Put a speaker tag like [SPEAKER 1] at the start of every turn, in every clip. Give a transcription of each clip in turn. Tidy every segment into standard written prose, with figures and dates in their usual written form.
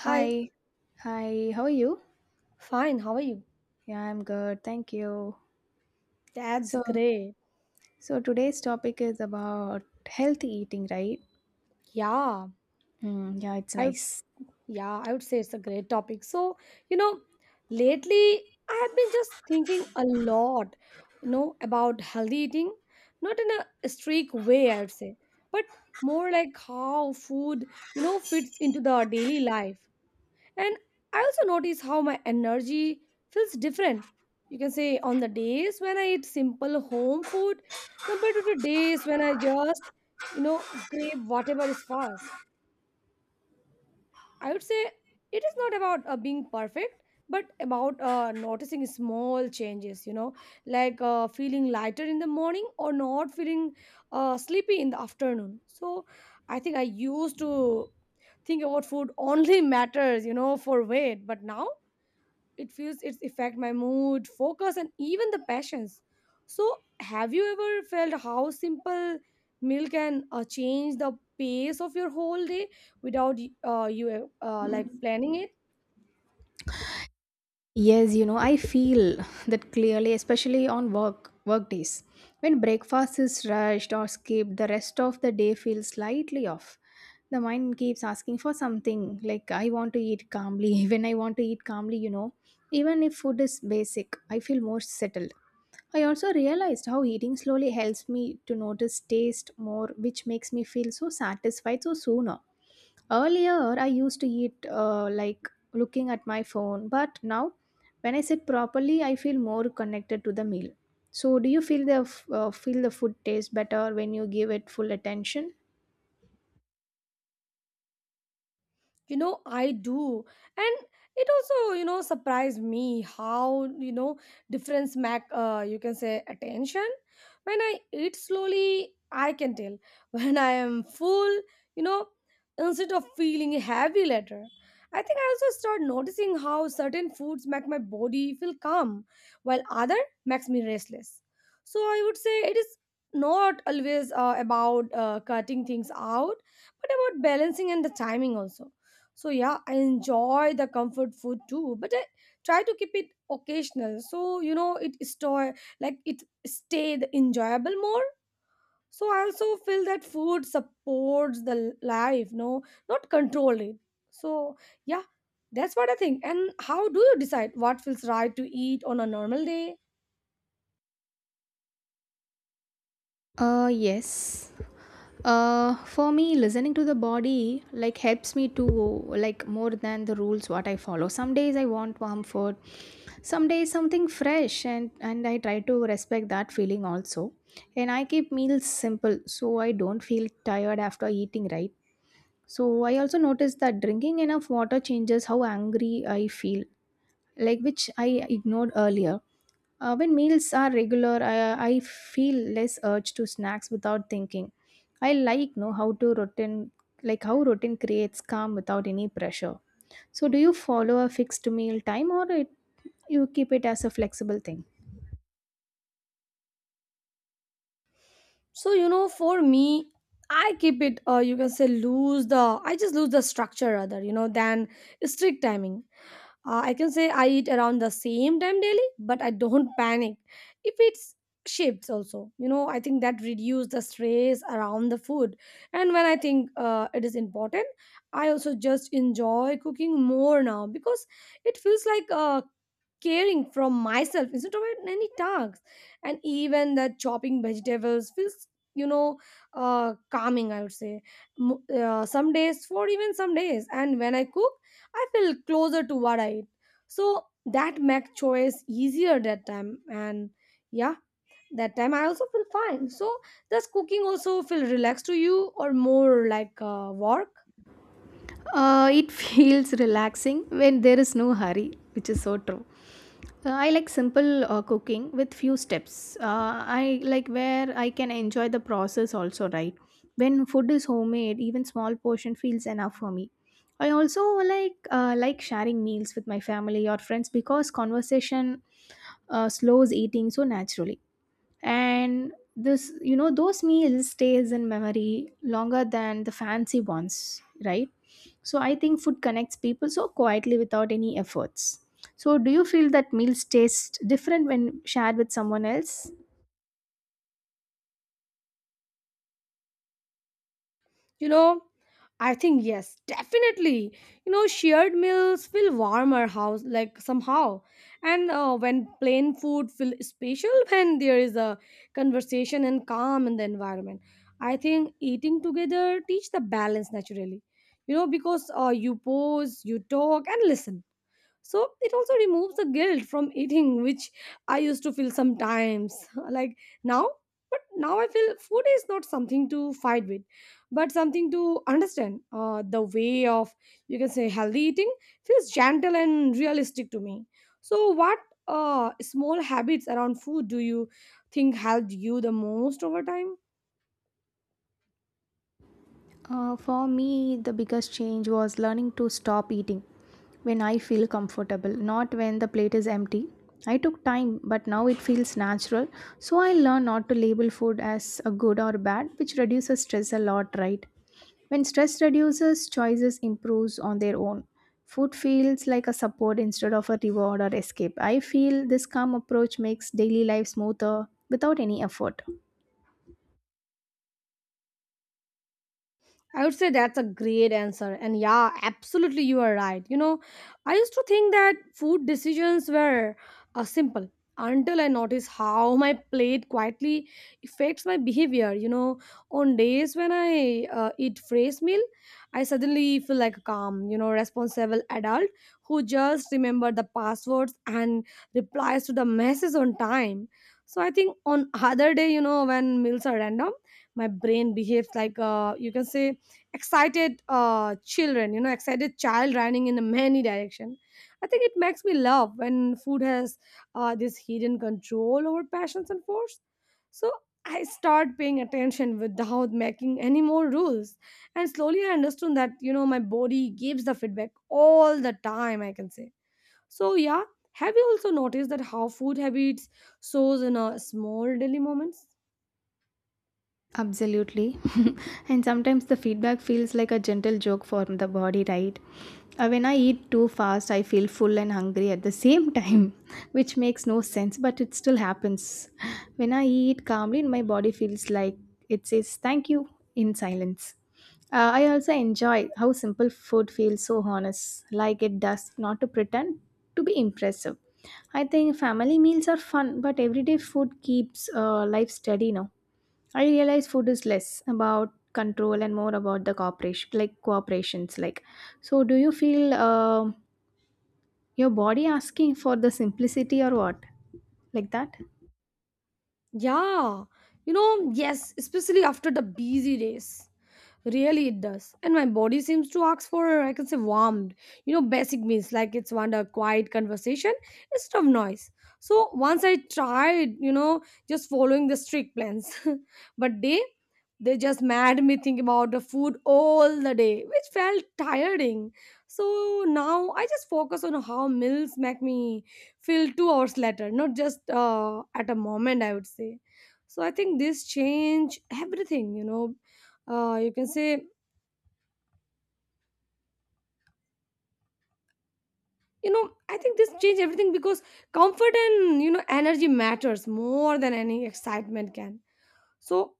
[SPEAKER 1] Hi,
[SPEAKER 2] Hi, hi, how are you?
[SPEAKER 1] fine. How are you?
[SPEAKER 2] Yeah, I'm good, thank you.
[SPEAKER 1] That's
[SPEAKER 2] So,
[SPEAKER 1] great.
[SPEAKER 2] so today's topic is about healthy eating, right?
[SPEAKER 1] Yeah,
[SPEAKER 2] Mm, yeah, it's
[SPEAKER 1] I would,
[SPEAKER 2] nice.
[SPEAKER 1] yeah, I would say it's a great topic. So, you know, lately I have been just thinking a lot, you know, about healthy eating, not in a strict way, I would say, but more like how food, you know, fits into the daily life. And I also notice how my energy feels different. You can say on the days when I eat simple home food compared to the days when I just, you know, grab whatever is fast. I would say it is not about being perfect, but about noticing small changes, you know, like feeling lighter in the morning or not feeling sleepy in the afternoon. So I think I used to think about food only matters, you know, for weight, but now it feels its affect my mood focus and even the passions. So have you ever felt how simple meal can change the pace of your whole day without y- you like planning it?
[SPEAKER 2] Yes, you know, I feel that clearly, especially on work days. When breakfast is rushed or skipped, the rest of the day feels slightly off. The mind keeps asking for something like I want to eat calmly. When I want to eat calmly, you know, even if food is basic, I feel more settled. I also realized how eating slowly helps me to notice taste more, which makes me feel so satisfied so sooner. Earlier, I used to eat like looking at my phone, but now when I sit properly, I feel more connected to the meal. So, do you feel the feel the food taste better when you give it full attention?
[SPEAKER 1] You know, I do. And it also, you know, surprised me how, you know, difference mac you can say attention. When I eat slowly, I can tell when I am full, you know, instead of feeling heavy later. I think I also start noticing how certain foods make my body feel calm, while other makes me restless. So I would say it is not always about cutting things out, but about balancing and the timing also. So yeah, I enjoy the comfort food too, but I try to keep it occasional. So, you know, it store like it stay the enjoyable more. So I also feel that food supports the life, no, not control it. So yeah, that's what I think. And how do you decide what feels right to eat on a normal day?
[SPEAKER 2] Yes. For me, listening to the body like helps me to like more than the rules what I follow. Some days I want warm food, some days something fresh, and I try to respect that feeling also. And I keep meals simple so I don't feel tired after eating, right? So I also noticed that drinking enough water changes how angry I feel, like which I ignored earlier. When meals are regular, I feel less urge to snacks without thinking. I like know how to routine, like how routine creates calm without any pressure. So do you follow a fixed meal time or it, you keep it as a flexible thing?
[SPEAKER 1] So, you know, for me, I keep it. You can say lose the. I just lose the structure rather, you know, than strict timing. I can say I eat around the same time daily, but I don't panic if it's shifts also. You know, I think that reduce the stress around the food. And when I think, it is important, I also just enjoy cooking more now because it feels like, caring from myself instead of any tasks. And even the chopping vegetables feels, you know, calming, I would say. Some days for even some days, and when I cook, I feel closer to what I eat. So that make choice easier that time. And yeah, that time I also feel fine. So does cooking also feel relaxed to you or more like, work?
[SPEAKER 2] It feels relaxing when there is no hurry, which is so true. I like simple cooking with few steps. I like where I can enjoy the process also, right? When food is homemade, even small portion feels enough for me. I also like sharing meals with my family or friends because conversation slows eating so naturally, and this, you know, those meals stays in memory longer than the fancy ones, right? So I think food connects people so quietly without any efforts. So do you feel that meals taste different when shared with someone else?
[SPEAKER 1] You know, I think yes, definitely. You know, shared meals feel warm our house, like, somehow. And when plain food feel special when there is a conversation and calm in the environment. I think eating together teach the balance naturally, you know, because you pause, you talk and listen. So it also removes the guilt from eating, which I used to feel sometimes like, now but now I feel food is not something to fight with, but something to understand, the way of, you can say, healthy eating feels gentle and realistic to me. So what small habits around food do you think helped you the most over time?
[SPEAKER 2] For me, the biggest change was learning to stop eating when I feel comfortable, not when the plate is empty. I took time, but now it feels natural. So I learn not to label food as a good or bad, which reduces stress a lot, right? When stress reduces, choices improves on their own. Food feels like a support instead of a reward or escape. I feel this calm approach makes daily life smoother without any effort.
[SPEAKER 1] I would say that's a great answer. And yeah, absolutely, you are right. You know, I used to think that food decisions were, simple, until I noticed how my plate quietly affects my behavior. You know, on days when I eat fresh meal, I suddenly feel like a calm, you know, responsible adult who just remember the passwords and replies to the messages on time. So I think on other day, you know, when meals are random, my brain behaves like, you can say excited children you know, excited child running in many direction. I think it makes me love when food has, this hidden control over passions and force. So I start paying attention without making any more rules, and slowly I understood that, you know, my body gives the feedback all the time, I can say. So yeah, have you also noticed that how food habits shows in a small daily moments?
[SPEAKER 2] Absolutely. And sometimes the feedback feels like a gentle joke for the body, right? When I eat too fast, I feel full and hungry at the same time, which makes no sense, but it still happens. When I eat calmly, my body feels like it says thank you in silence. I also enjoy how simple food feels so honest, like it does not to pretend to be impressive. I think family meals are fun, but everyday food keeps life steady now. I realize food is less about control and more about the cooperation, like cooperations. Like, so do you feel your body asking for the simplicity or what? Like that?
[SPEAKER 1] Yeah, you know, yes, especially after the busy days. Really, it does. And my body seems to ask for, I can say, warmed. You know, basic means like it's want a quiet conversation instead of noise. So once I tried, you know, just following the strict plans, but they just made me think about the food all the day, which felt tiring. So now I just focus on how meals make me feel 2 hours later, not just at a moment, I would say. So I think this change everything, you know, you can say, you know, I think this change everything because comfort and, you know, energy matters more than any excitement can. So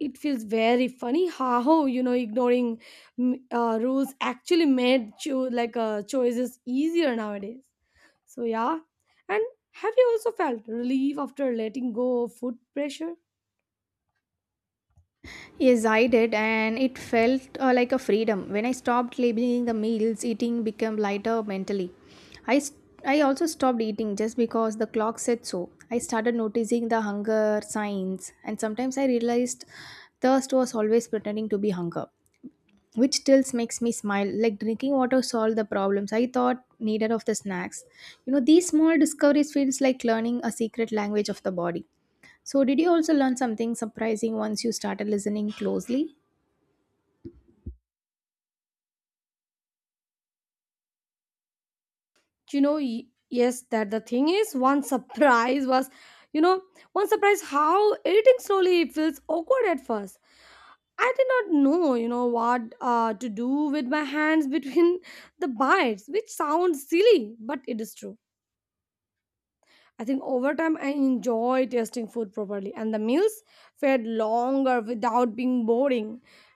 [SPEAKER 1] it feels very funny how, you know, ignoring rules actually made choices easier nowadays. So yeah, and have you also felt relief after letting go of food pressure?
[SPEAKER 2] Yes, I did, and it felt like a freedom. When I stopped labeling the meals, eating became lighter mentally. I, s- I also stopped eating just because the clock said so. I started noticing the hunger signs, and sometimes I realized thirst was always pretending to be hunger, which still makes me smile, like drinking water solved the problems I thought needed of the snacks. You know, these small discoveries feels like learning a secret language of the body. So did you also learn something surprising once you started listening closely?
[SPEAKER 1] You know, yes, that the thing is one surprise was you know one surprise how eating slowly feels awkward at first. I did not know, you know, what to do with my hands between the bites, which sounds silly, but it is true. I think over time I enjoy tasting food properly and the meals felt longer without being boring.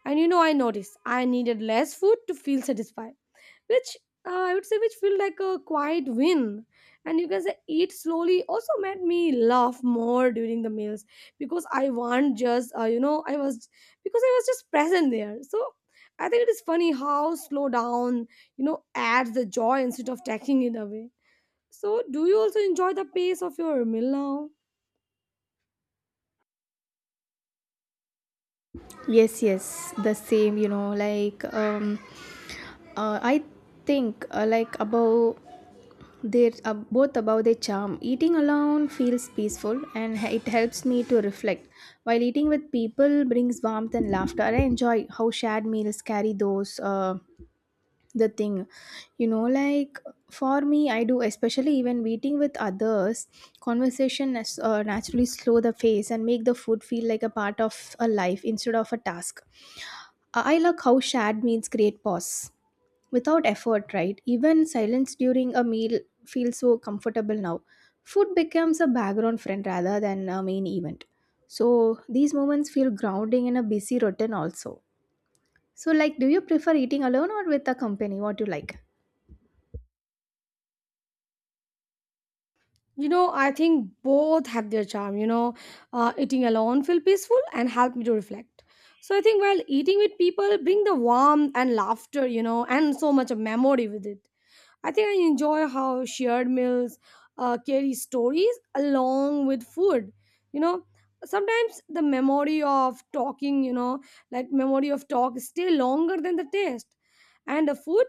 [SPEAKER 1] And, you know, I noticed I needed less food to feel satisfied, which, I would say, which feel like a quiet win. And you can say eat slowly also made me laugh more during the meals because I want just you know I was because I was just present there. So I think it is funny how slow down, you know, adds the joy instead of taking it away. So do you also enjoy the pace of your meal now?
[SPEAKER 2] Yes, the same, you know, I think like about they're both about their charm. Eating alone feels peaceful and it helps me to reflect, while eating with people brings warmth and laughter. I enjoy how shared meals carry those. The thing, you know, like, for me I do, especially even eating with others, conversation naturally slow the pace and make the food feel like a part of a life instead of a task. I like how shared meals create pause without effort, right? Even silence during a meal feels so comfortable now. Food becomes a background friend rather than a main event. So these moments feel grounding in a busy routine also. So, like, do you prefer eating alone or with a company? What you like?
[SPEAKER 1] You know, I think both have their charm. You know, eating alone feel peaceful and help me to reflect. So I think while eating with people bring the warmth and laughter, you know, and so much of memory with it. I think I enjoy how shared meals carry stories along with food. You know, sometimes the memory of talking, you know, like memory of talk stay longer than the taste. And the food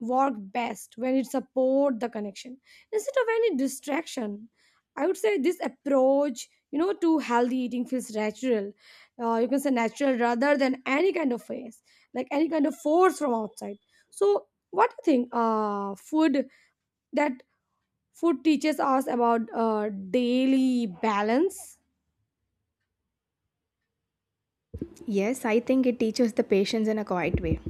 [SPEAKER 1] work best when it support the connection instead of any distraction. I would say this approach, you know, to healthy eating feels natural, you can say natural rather than any kind of face, like any kind of force from outside. So what do you think, that food teaches us about daily balance?
[SPEAKER 2] Yes, I think it teaches the patience in a quiet way.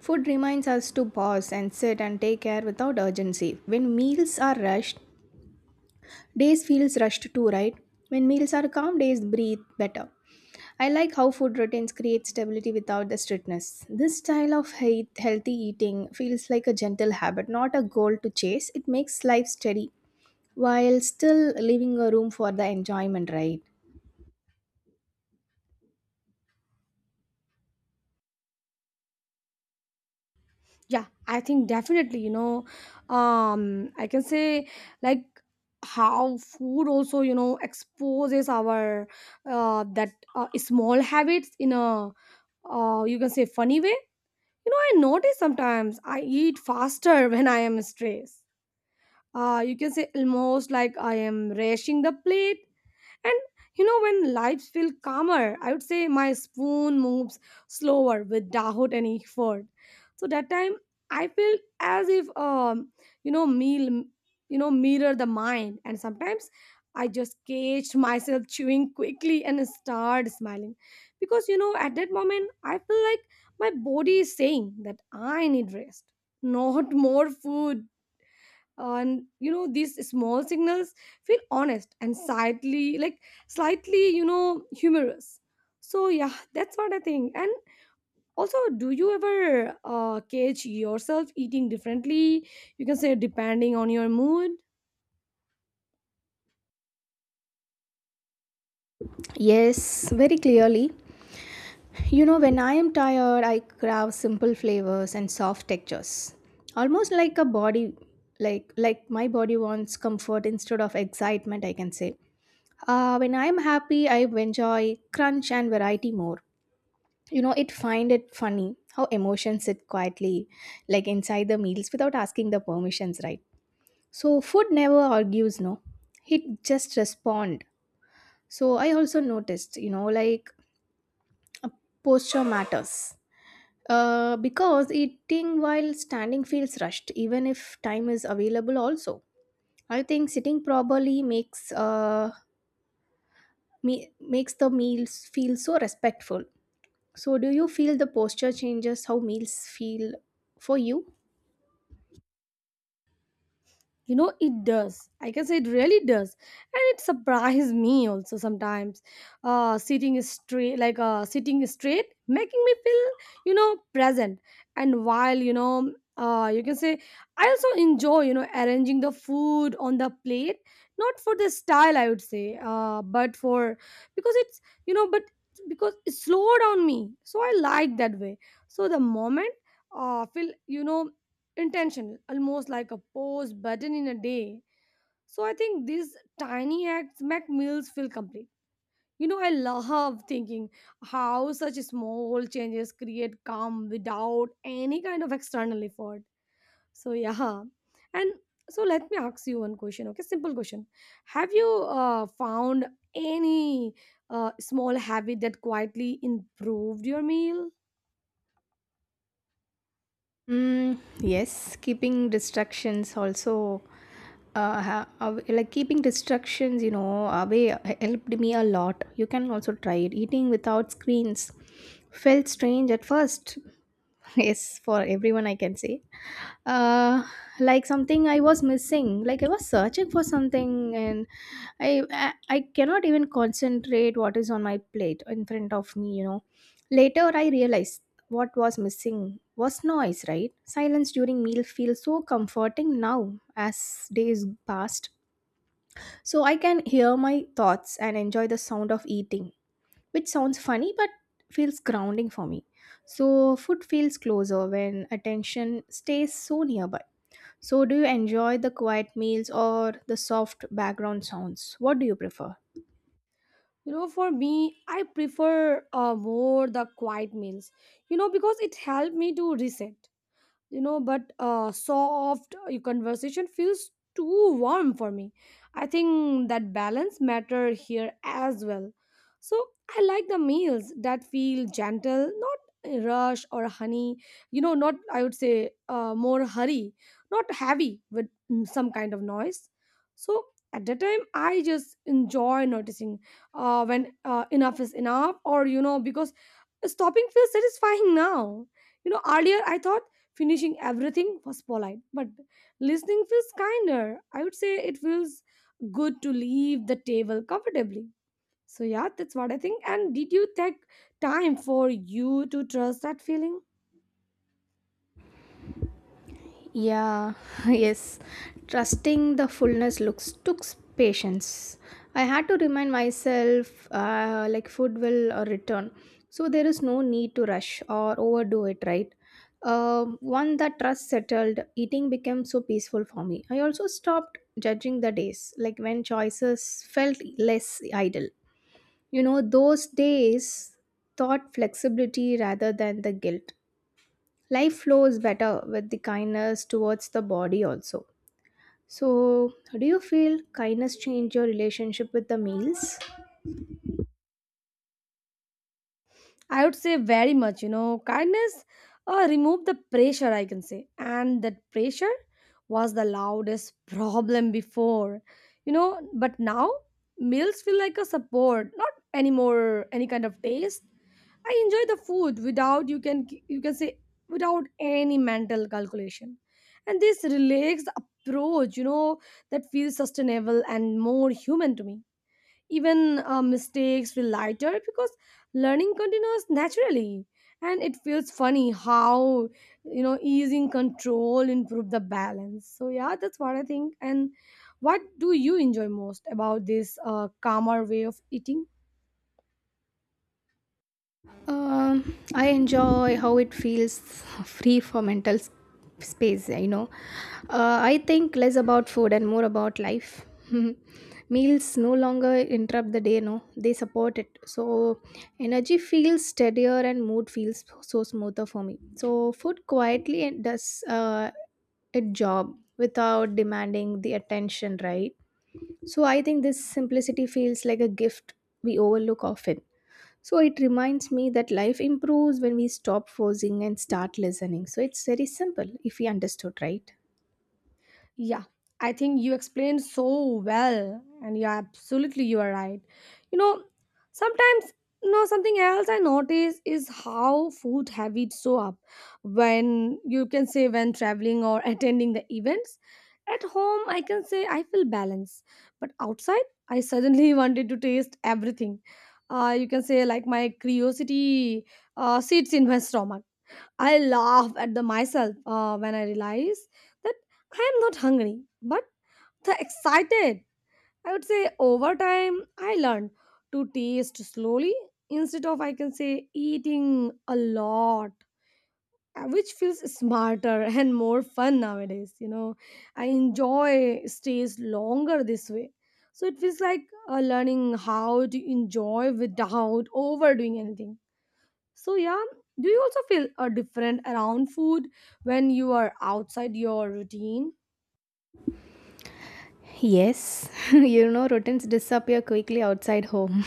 [SPEAKER 2] Food reminds us to pause and sit and take care without urgency. When meals are rushed, days feels rushed too, right? When meals are calm, days breathe better. I like how food routines create stability without the strictness. This style of healthy eating feels like a gentle habit, not a goal to chase. It makes life steady while still leaving a room for the enjoyment, right?
[SPEAKER 1] Yeah, I think definitely, you know, I can say, like, how food also, you know, exposes our, that small habits in a, you can say, funny way. You know, I notice sometimes I eat faster when I am stressed. You can say almost like I am rushing the plate. And, you know, when lights feel calmer, I would say my spoon moves slower without any effort. So that time I feel as if, you know, meal, you know, mirror the mind. And sometimes I just catch myself chewing quickly and start smiling. Because, you know, at that moment I feel like my body is saying that I need rest, not more food. And, you know, these small signals feel honest and slightly, you know, humorous. So yeah, that's what I think. And also, do you ever catch yourself eating differently, you can say, depending on your mood?
[SPEAKER 2] Yes, very clearly. You know, when I am tired, I crave simple flavors and soft textures. Almost like a body, like my body wants comfort instead of excitement, I can say. When I'm happy, I enjoy crunch and variety more. You know, it find it funny how emotions sit quietly, like inside the meals without asking the permissions, right? So food never argues, no. It just respond. So I also noticed, you know, uh, posture matters. Because eating while standing feels rushed, even if time is available. Also, I think sitting properly makes me makes the meals feel so respectful. So, do you feel the posture changes how meals feel for you?
[SPEAKER 1] You know, it does. I can say it really does. And it surprises me also sometimes. Sitting straight, making me feel, you know, present. And while, you know, you can say, I also enjoy, you know, arranging the food on the plate. Not for the style, I would say, but for, because it's, you know, but because it slow down me. So I like that way. So the moment, feel, you know, intentional, almost like a pause button in a day. So I think these tiny acts make meals feel complete. You know, I love thinking how such small changes create calm without any kind of external effort. So yeah, and so let me ask you one question. Okay, simple question. Have you found any small habit that quietly improved your meal?
[SPEAKER 2] Mm, yes, keeping distractions also, like keeping distractions, you know, away helped me a lot. You can also try it. Eating without screens felt strange at first. Yes, for everyone, I can say. Uh, like something I was missing. Like I was searching for something, and I cannot even concentrate what is on my plate in front of me. You know. Later, I realized what was missing was noise, right? Silence during meal feels so comforting now as days passed. So I can hear my thoughts and enjoy the sound of eating, which sounds funny but feels grounding for me. So food feels closer when attention stays so nearby. So do you enjoy the quiet meals or the soft background sounds? What do you prefer?
[SPEAKER 1] You know, for me, I prefer more the quiet meals, you know, because it helped me to reset, you know, but soft conversation feels too warm for me. I think that balance matter here as well. So I like the meals that feel gentle, not rush or honey, you know, not, I would say, more hurry, not heavy with some kind of noise. So at that time I just enjoy noticing when enough is enough, or you know, because stopping feels satisfying now. You know, earlier I thought finishing everything was polite, but listening feels kinder. I would say it feels good to leave the table comfortably. So, yeah, that's what I think. And did you take time for you to trust that feeling?
[SPEAKER 2] Yeah, yes. Trusting the fullness looks took patience. I had to remind myself, like food will return, so there is no need to rush or overdo it. Right. One that trust settled, eating became so peaceful for me. I also stopped judging the days, like when choices felt less idle. You know, those days taught flexibility rather than the guilt. Life flows better with the kindness towards the body also. So, do you feel kindness change your relationship with the meals?
[SPEAKER 1] I would say very much, you know, kindness removed the pressure, I can say. And that pressure was the loudest problem before, you know, but now meals feel like a support, not anymore any kind of taste. I enjoy the food without, you can say, without any mental calculation. And this relaxed approach, you know, that feels sustainable and more human to me. Even mistakes feel lighter because learning continues naturally. And it feels funny how, you know, easing control improve the balance. So yeah, that's what I think. And what do you enjoy most about this calmer way of eating?
[SPEAKER 2] I enjoy how it feels free for space, you know. I think less about food and more about life. Meals no longer interrupt the day, no, they support it. So, energy feels steadier and mood feels so smoother for me. So, food quietly does a job without demanding the attention, right? So I think this simplicity feels like a gift we overlook often. So it reminds me that life improves when we stop forcing and start listening. So it's very simple if we understood, right?
[SPEAKER 1] Yeah, I think you explained so well, and yeah, absolutely, you are right. You know, sometimes, you know, something else I notice is how food habits show up when, you can say, when traveling or attending the events. At home, I can say I feel balanced, but outside, I suddenly wanted to taste everything. You can say, like, my curiosity sits in my stomach. I laugh at the myself when I realize that I am not hungry, but the excited. I would say over time I learned to taste slowly instead of, I can say, eating a lot, which feels smarter and more fun nowadays. You know, I enjoy stays longer this way. So it feels like learning how to enjoy without overdoing anything. So yeah, do you also feel a different around food when you are outside your routine?
[SPEAKER 2] Yes, you know, routines disappear quickly outside home.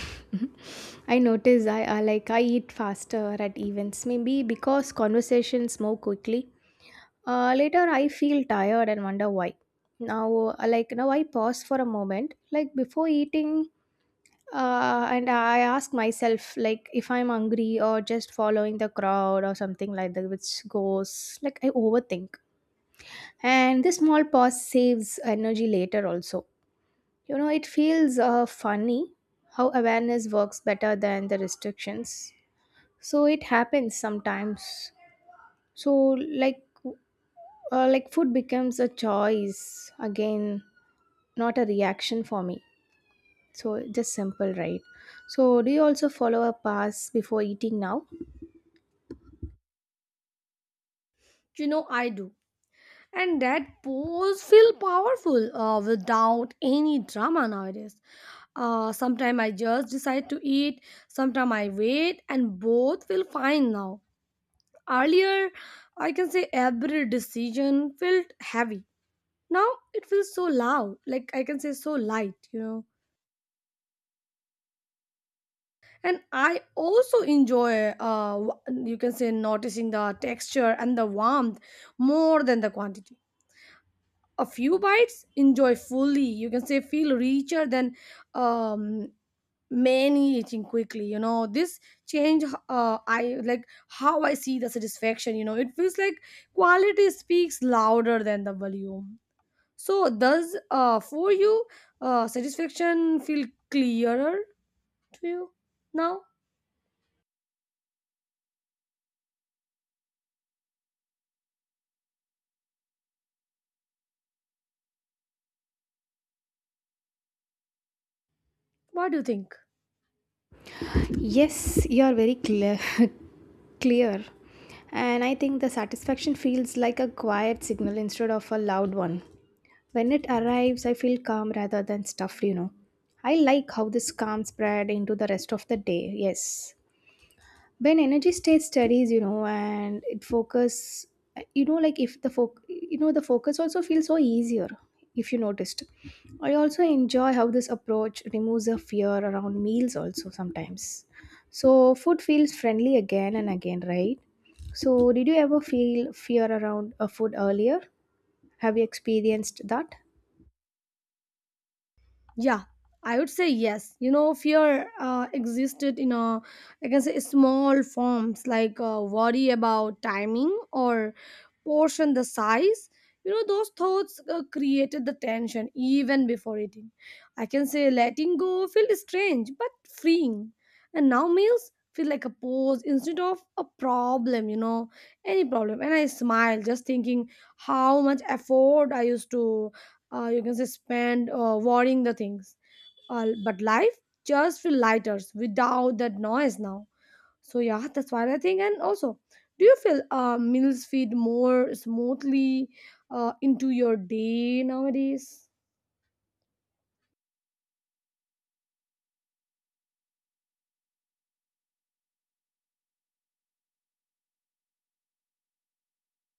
[SPEAKER 2] I notice I eat faster at events, maybe because conversations move quickly. Later, I feel tired and wonder why. Now, now, I pause for a moment, like before eating, and I ask myself, like, if I'm hungry or just following the crowd or something like that, which goes like I overthink, and this small pause saves energy later also. You know, it feels funny how awareness works better than the restrictions. So it happens sometimes. So, like, food becomes a choice again, not a reaction for me. So just simple, right? So do you also follow a pass before eating now?
[SPEAKER 1] You know I do. And that pose feel powerful without any drama nowadays. Sometimes I just decide to eat, sometimes I wait, and both feel fine now. Earlier, I can say every decision felt heavy. Now it feels so loud, like, I can say, so light, you know. And I also enjoy, you can say, noticing the texture and the warmth more than the quantity. A few bites enjoy fully, you can say, feel richer than um, many eating quickly, you know. This change, I like how I see the satisfaction, you know. It feels like quality speaks louder than the volume. So does, for you, satisfaction feel clearer to you now? What do you think?
[SPEAKER 2] Yes, you are very clear. Clear. And I think the satisfaction feels like a quiet signal instead of a loud one. When it arrives, I feel calm rather than stuffed, you know. I like how this calm spread into the rest of the day. Yes. When energy state studies, you know, and it focus, you know, like if the foc you know, the focus also feels so easier if you noticed. I also enjoy how this approach removes the fear around meals also sometimes. So food feels friendly again and again, right? So did you ever feel fear around a food earlier? Have you experienced that?
[SPEAKER 1] Yeah, I would say yes. You know, fear existed in a, I can say, small forms, like worry about timing or portion the size. You know, those thoughts created the tension even before eating. I can say letting go felt strange but freeing. And now meals feel like a pose instead of a problem, you know, any problem. And I smile just thinking how much effort I used to, you can say, spend worrying the things. But life just feel lighter without that noise now. So yeah, that's what I think. And also, do you feel meals feed more smoothly into your day nowadays?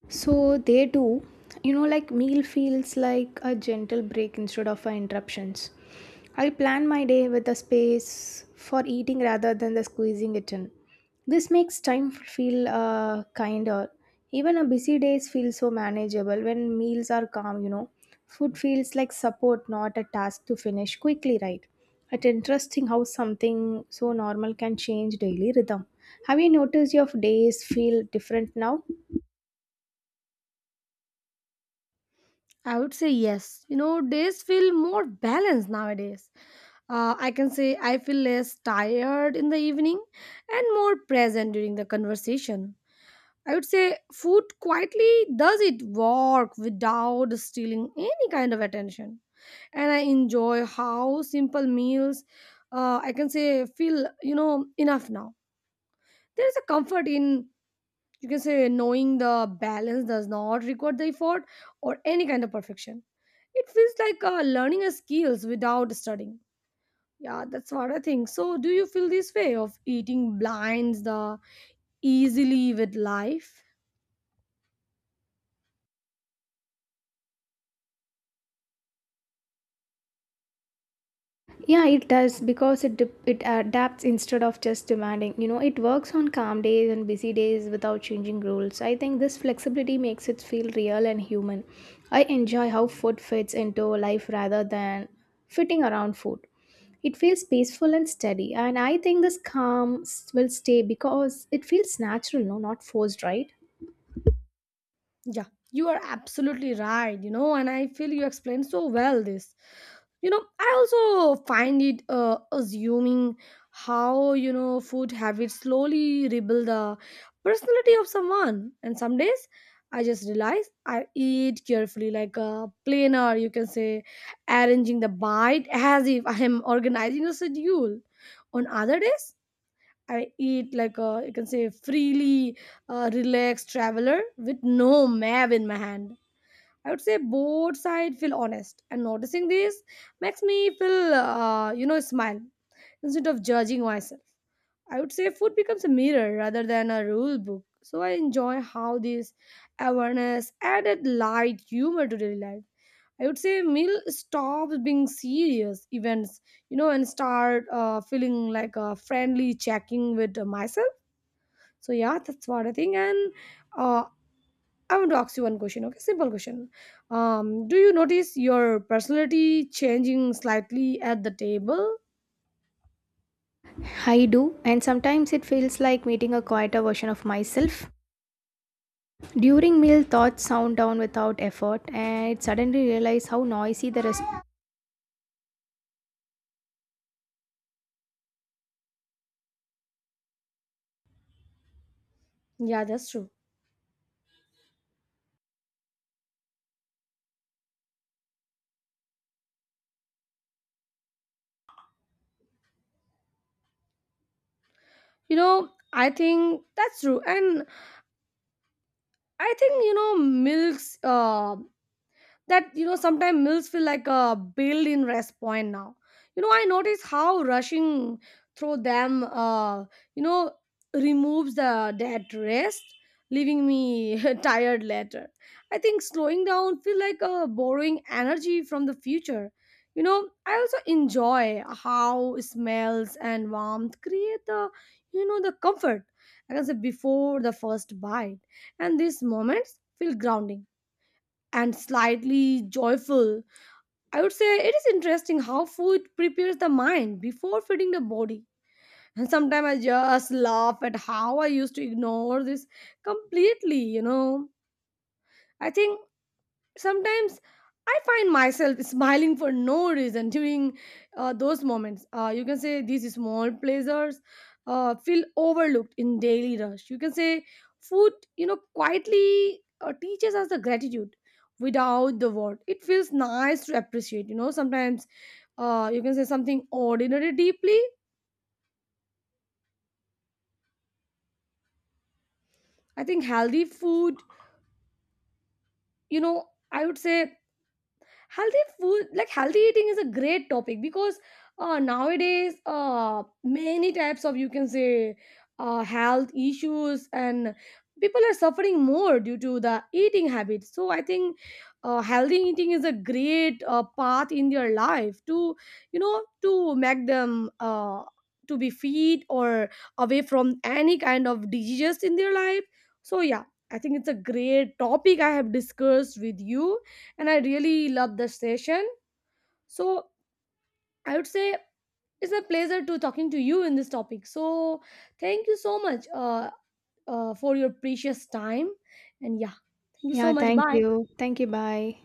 [SPEAKER 2] So they do. You know, like meal feels like a gentle break instead of a interruptions. I plan my day with a space for eating rather than the squeezing it in. This makes time feel kinder. Even a busy days feel so manageable when meals are calm, you know. Food feels like support, not a task to finish quickly, right? It's interesting how something so normal can change daily rhythm. Have you noticed your days feel different now?
[SPEAKER 1] I would say yes. You know, days feel more balanced nowadays. I can say I feel less tired in the evening and more present during the conversation. I would say food quietly does it work without stealing any kind of attention. And I enjoy how simple meals, I can say, feel, you know, enough now. There is a comfort in, you can say, knowing the balance does not require the effort or any kind of perfection. It feels like learning a skills without studying. Yeah, that's what I think. So, do you feel this way of eating blinds the easily with life?
[SPEAKER 2] Yeah, it does because it adapts instead of just demanding. You know, it works on calm days and busy days without changing rules. I think this flexibility makes it feel real and human. I enjoy how food fits into life rather than fitting around food. It feels peaceful and steady, and I think this calm will stay because it feels natural, no, not forced, right?
[SPEAKER 1] Yeah, you are absolutely right, you know, and I feel you explained so well this. You know, I also find it assuming how, you know, food habits slowly rebuild the personality of someone. And some days I just realize I eat carefully, like a planner, you can say, arranging the bite as if I am organizing a schedule. On other days, I eat like a, you can say, freely relaxed traveler with no map in my hand. I would say both sides feel honest, and noticing this makes me feel, you know, smile instead of judging myself. I would say food becomes a mirror rather than a rule book. So I enjoy how this awareness added light humor to daily life. I would say meal stops being serious events, you know, and start feeling like a friendly checking with myself. So yeah, that's what I think. And uh, I want to ask you one question. Okay, simple question. Do you notice your personality changing slightly at the table?
[SPEAKER 2] I do, and sometimes it feels like meeting a quieter version of myself. During meal, thoughts sound down without effort, and it suddenly realize how noisy the rest.
[SPEAKER 1] Yeah, that's true. You know, I think that's true, and I think, you know, milks. That, you know, sometimes meals feel like a built-in rest point now. You know, I notice how rushing through them, you know, removes the that rest, leaving me tired later. I think slowing down feel like a borrowing energy from the future. You know, I also enjoy how smells and warmth create the, you know, the comfort, I can say, before the first bite. And these moments feel grounding and slightly joyful. I would say it is interesting how food prepares the mind before feeding the body. And sometimes I just laugh at how I used to ignore this completely, you know. I think sometimes I find myself smiling for no reason during those moments. You can say these small pleasures feel overlooked in daily rush, you can say. Food, you know, quietly teaches us the gratitude without the word. It feels nice to appreciate, you know, sometimes, you can say, something ordinary deeply. I think healthy food, you know, I would say healthy food, like healthy eating, is a great topic, because nowadays many types of, you can say, health issues, and people are suffering more due to the eating habits. So I think healthy eating is a great path in their life to, you know, to make them, to be fit or away from any kind of diseases in their life. So yeah, I think it's a great topic I have discussed with you, and I really love the session. So I would say it's a pleasure to talking to you in this topic. So thank you so much, for your precious time, and yeah, thank you
[SPEAKER 2] Yeah,
[SPEAKER 1] so much.
[SPEAKER 2] thank
[SPEAKER 1] Bye.
[SPEAKER 2] you. Thank you. Bye.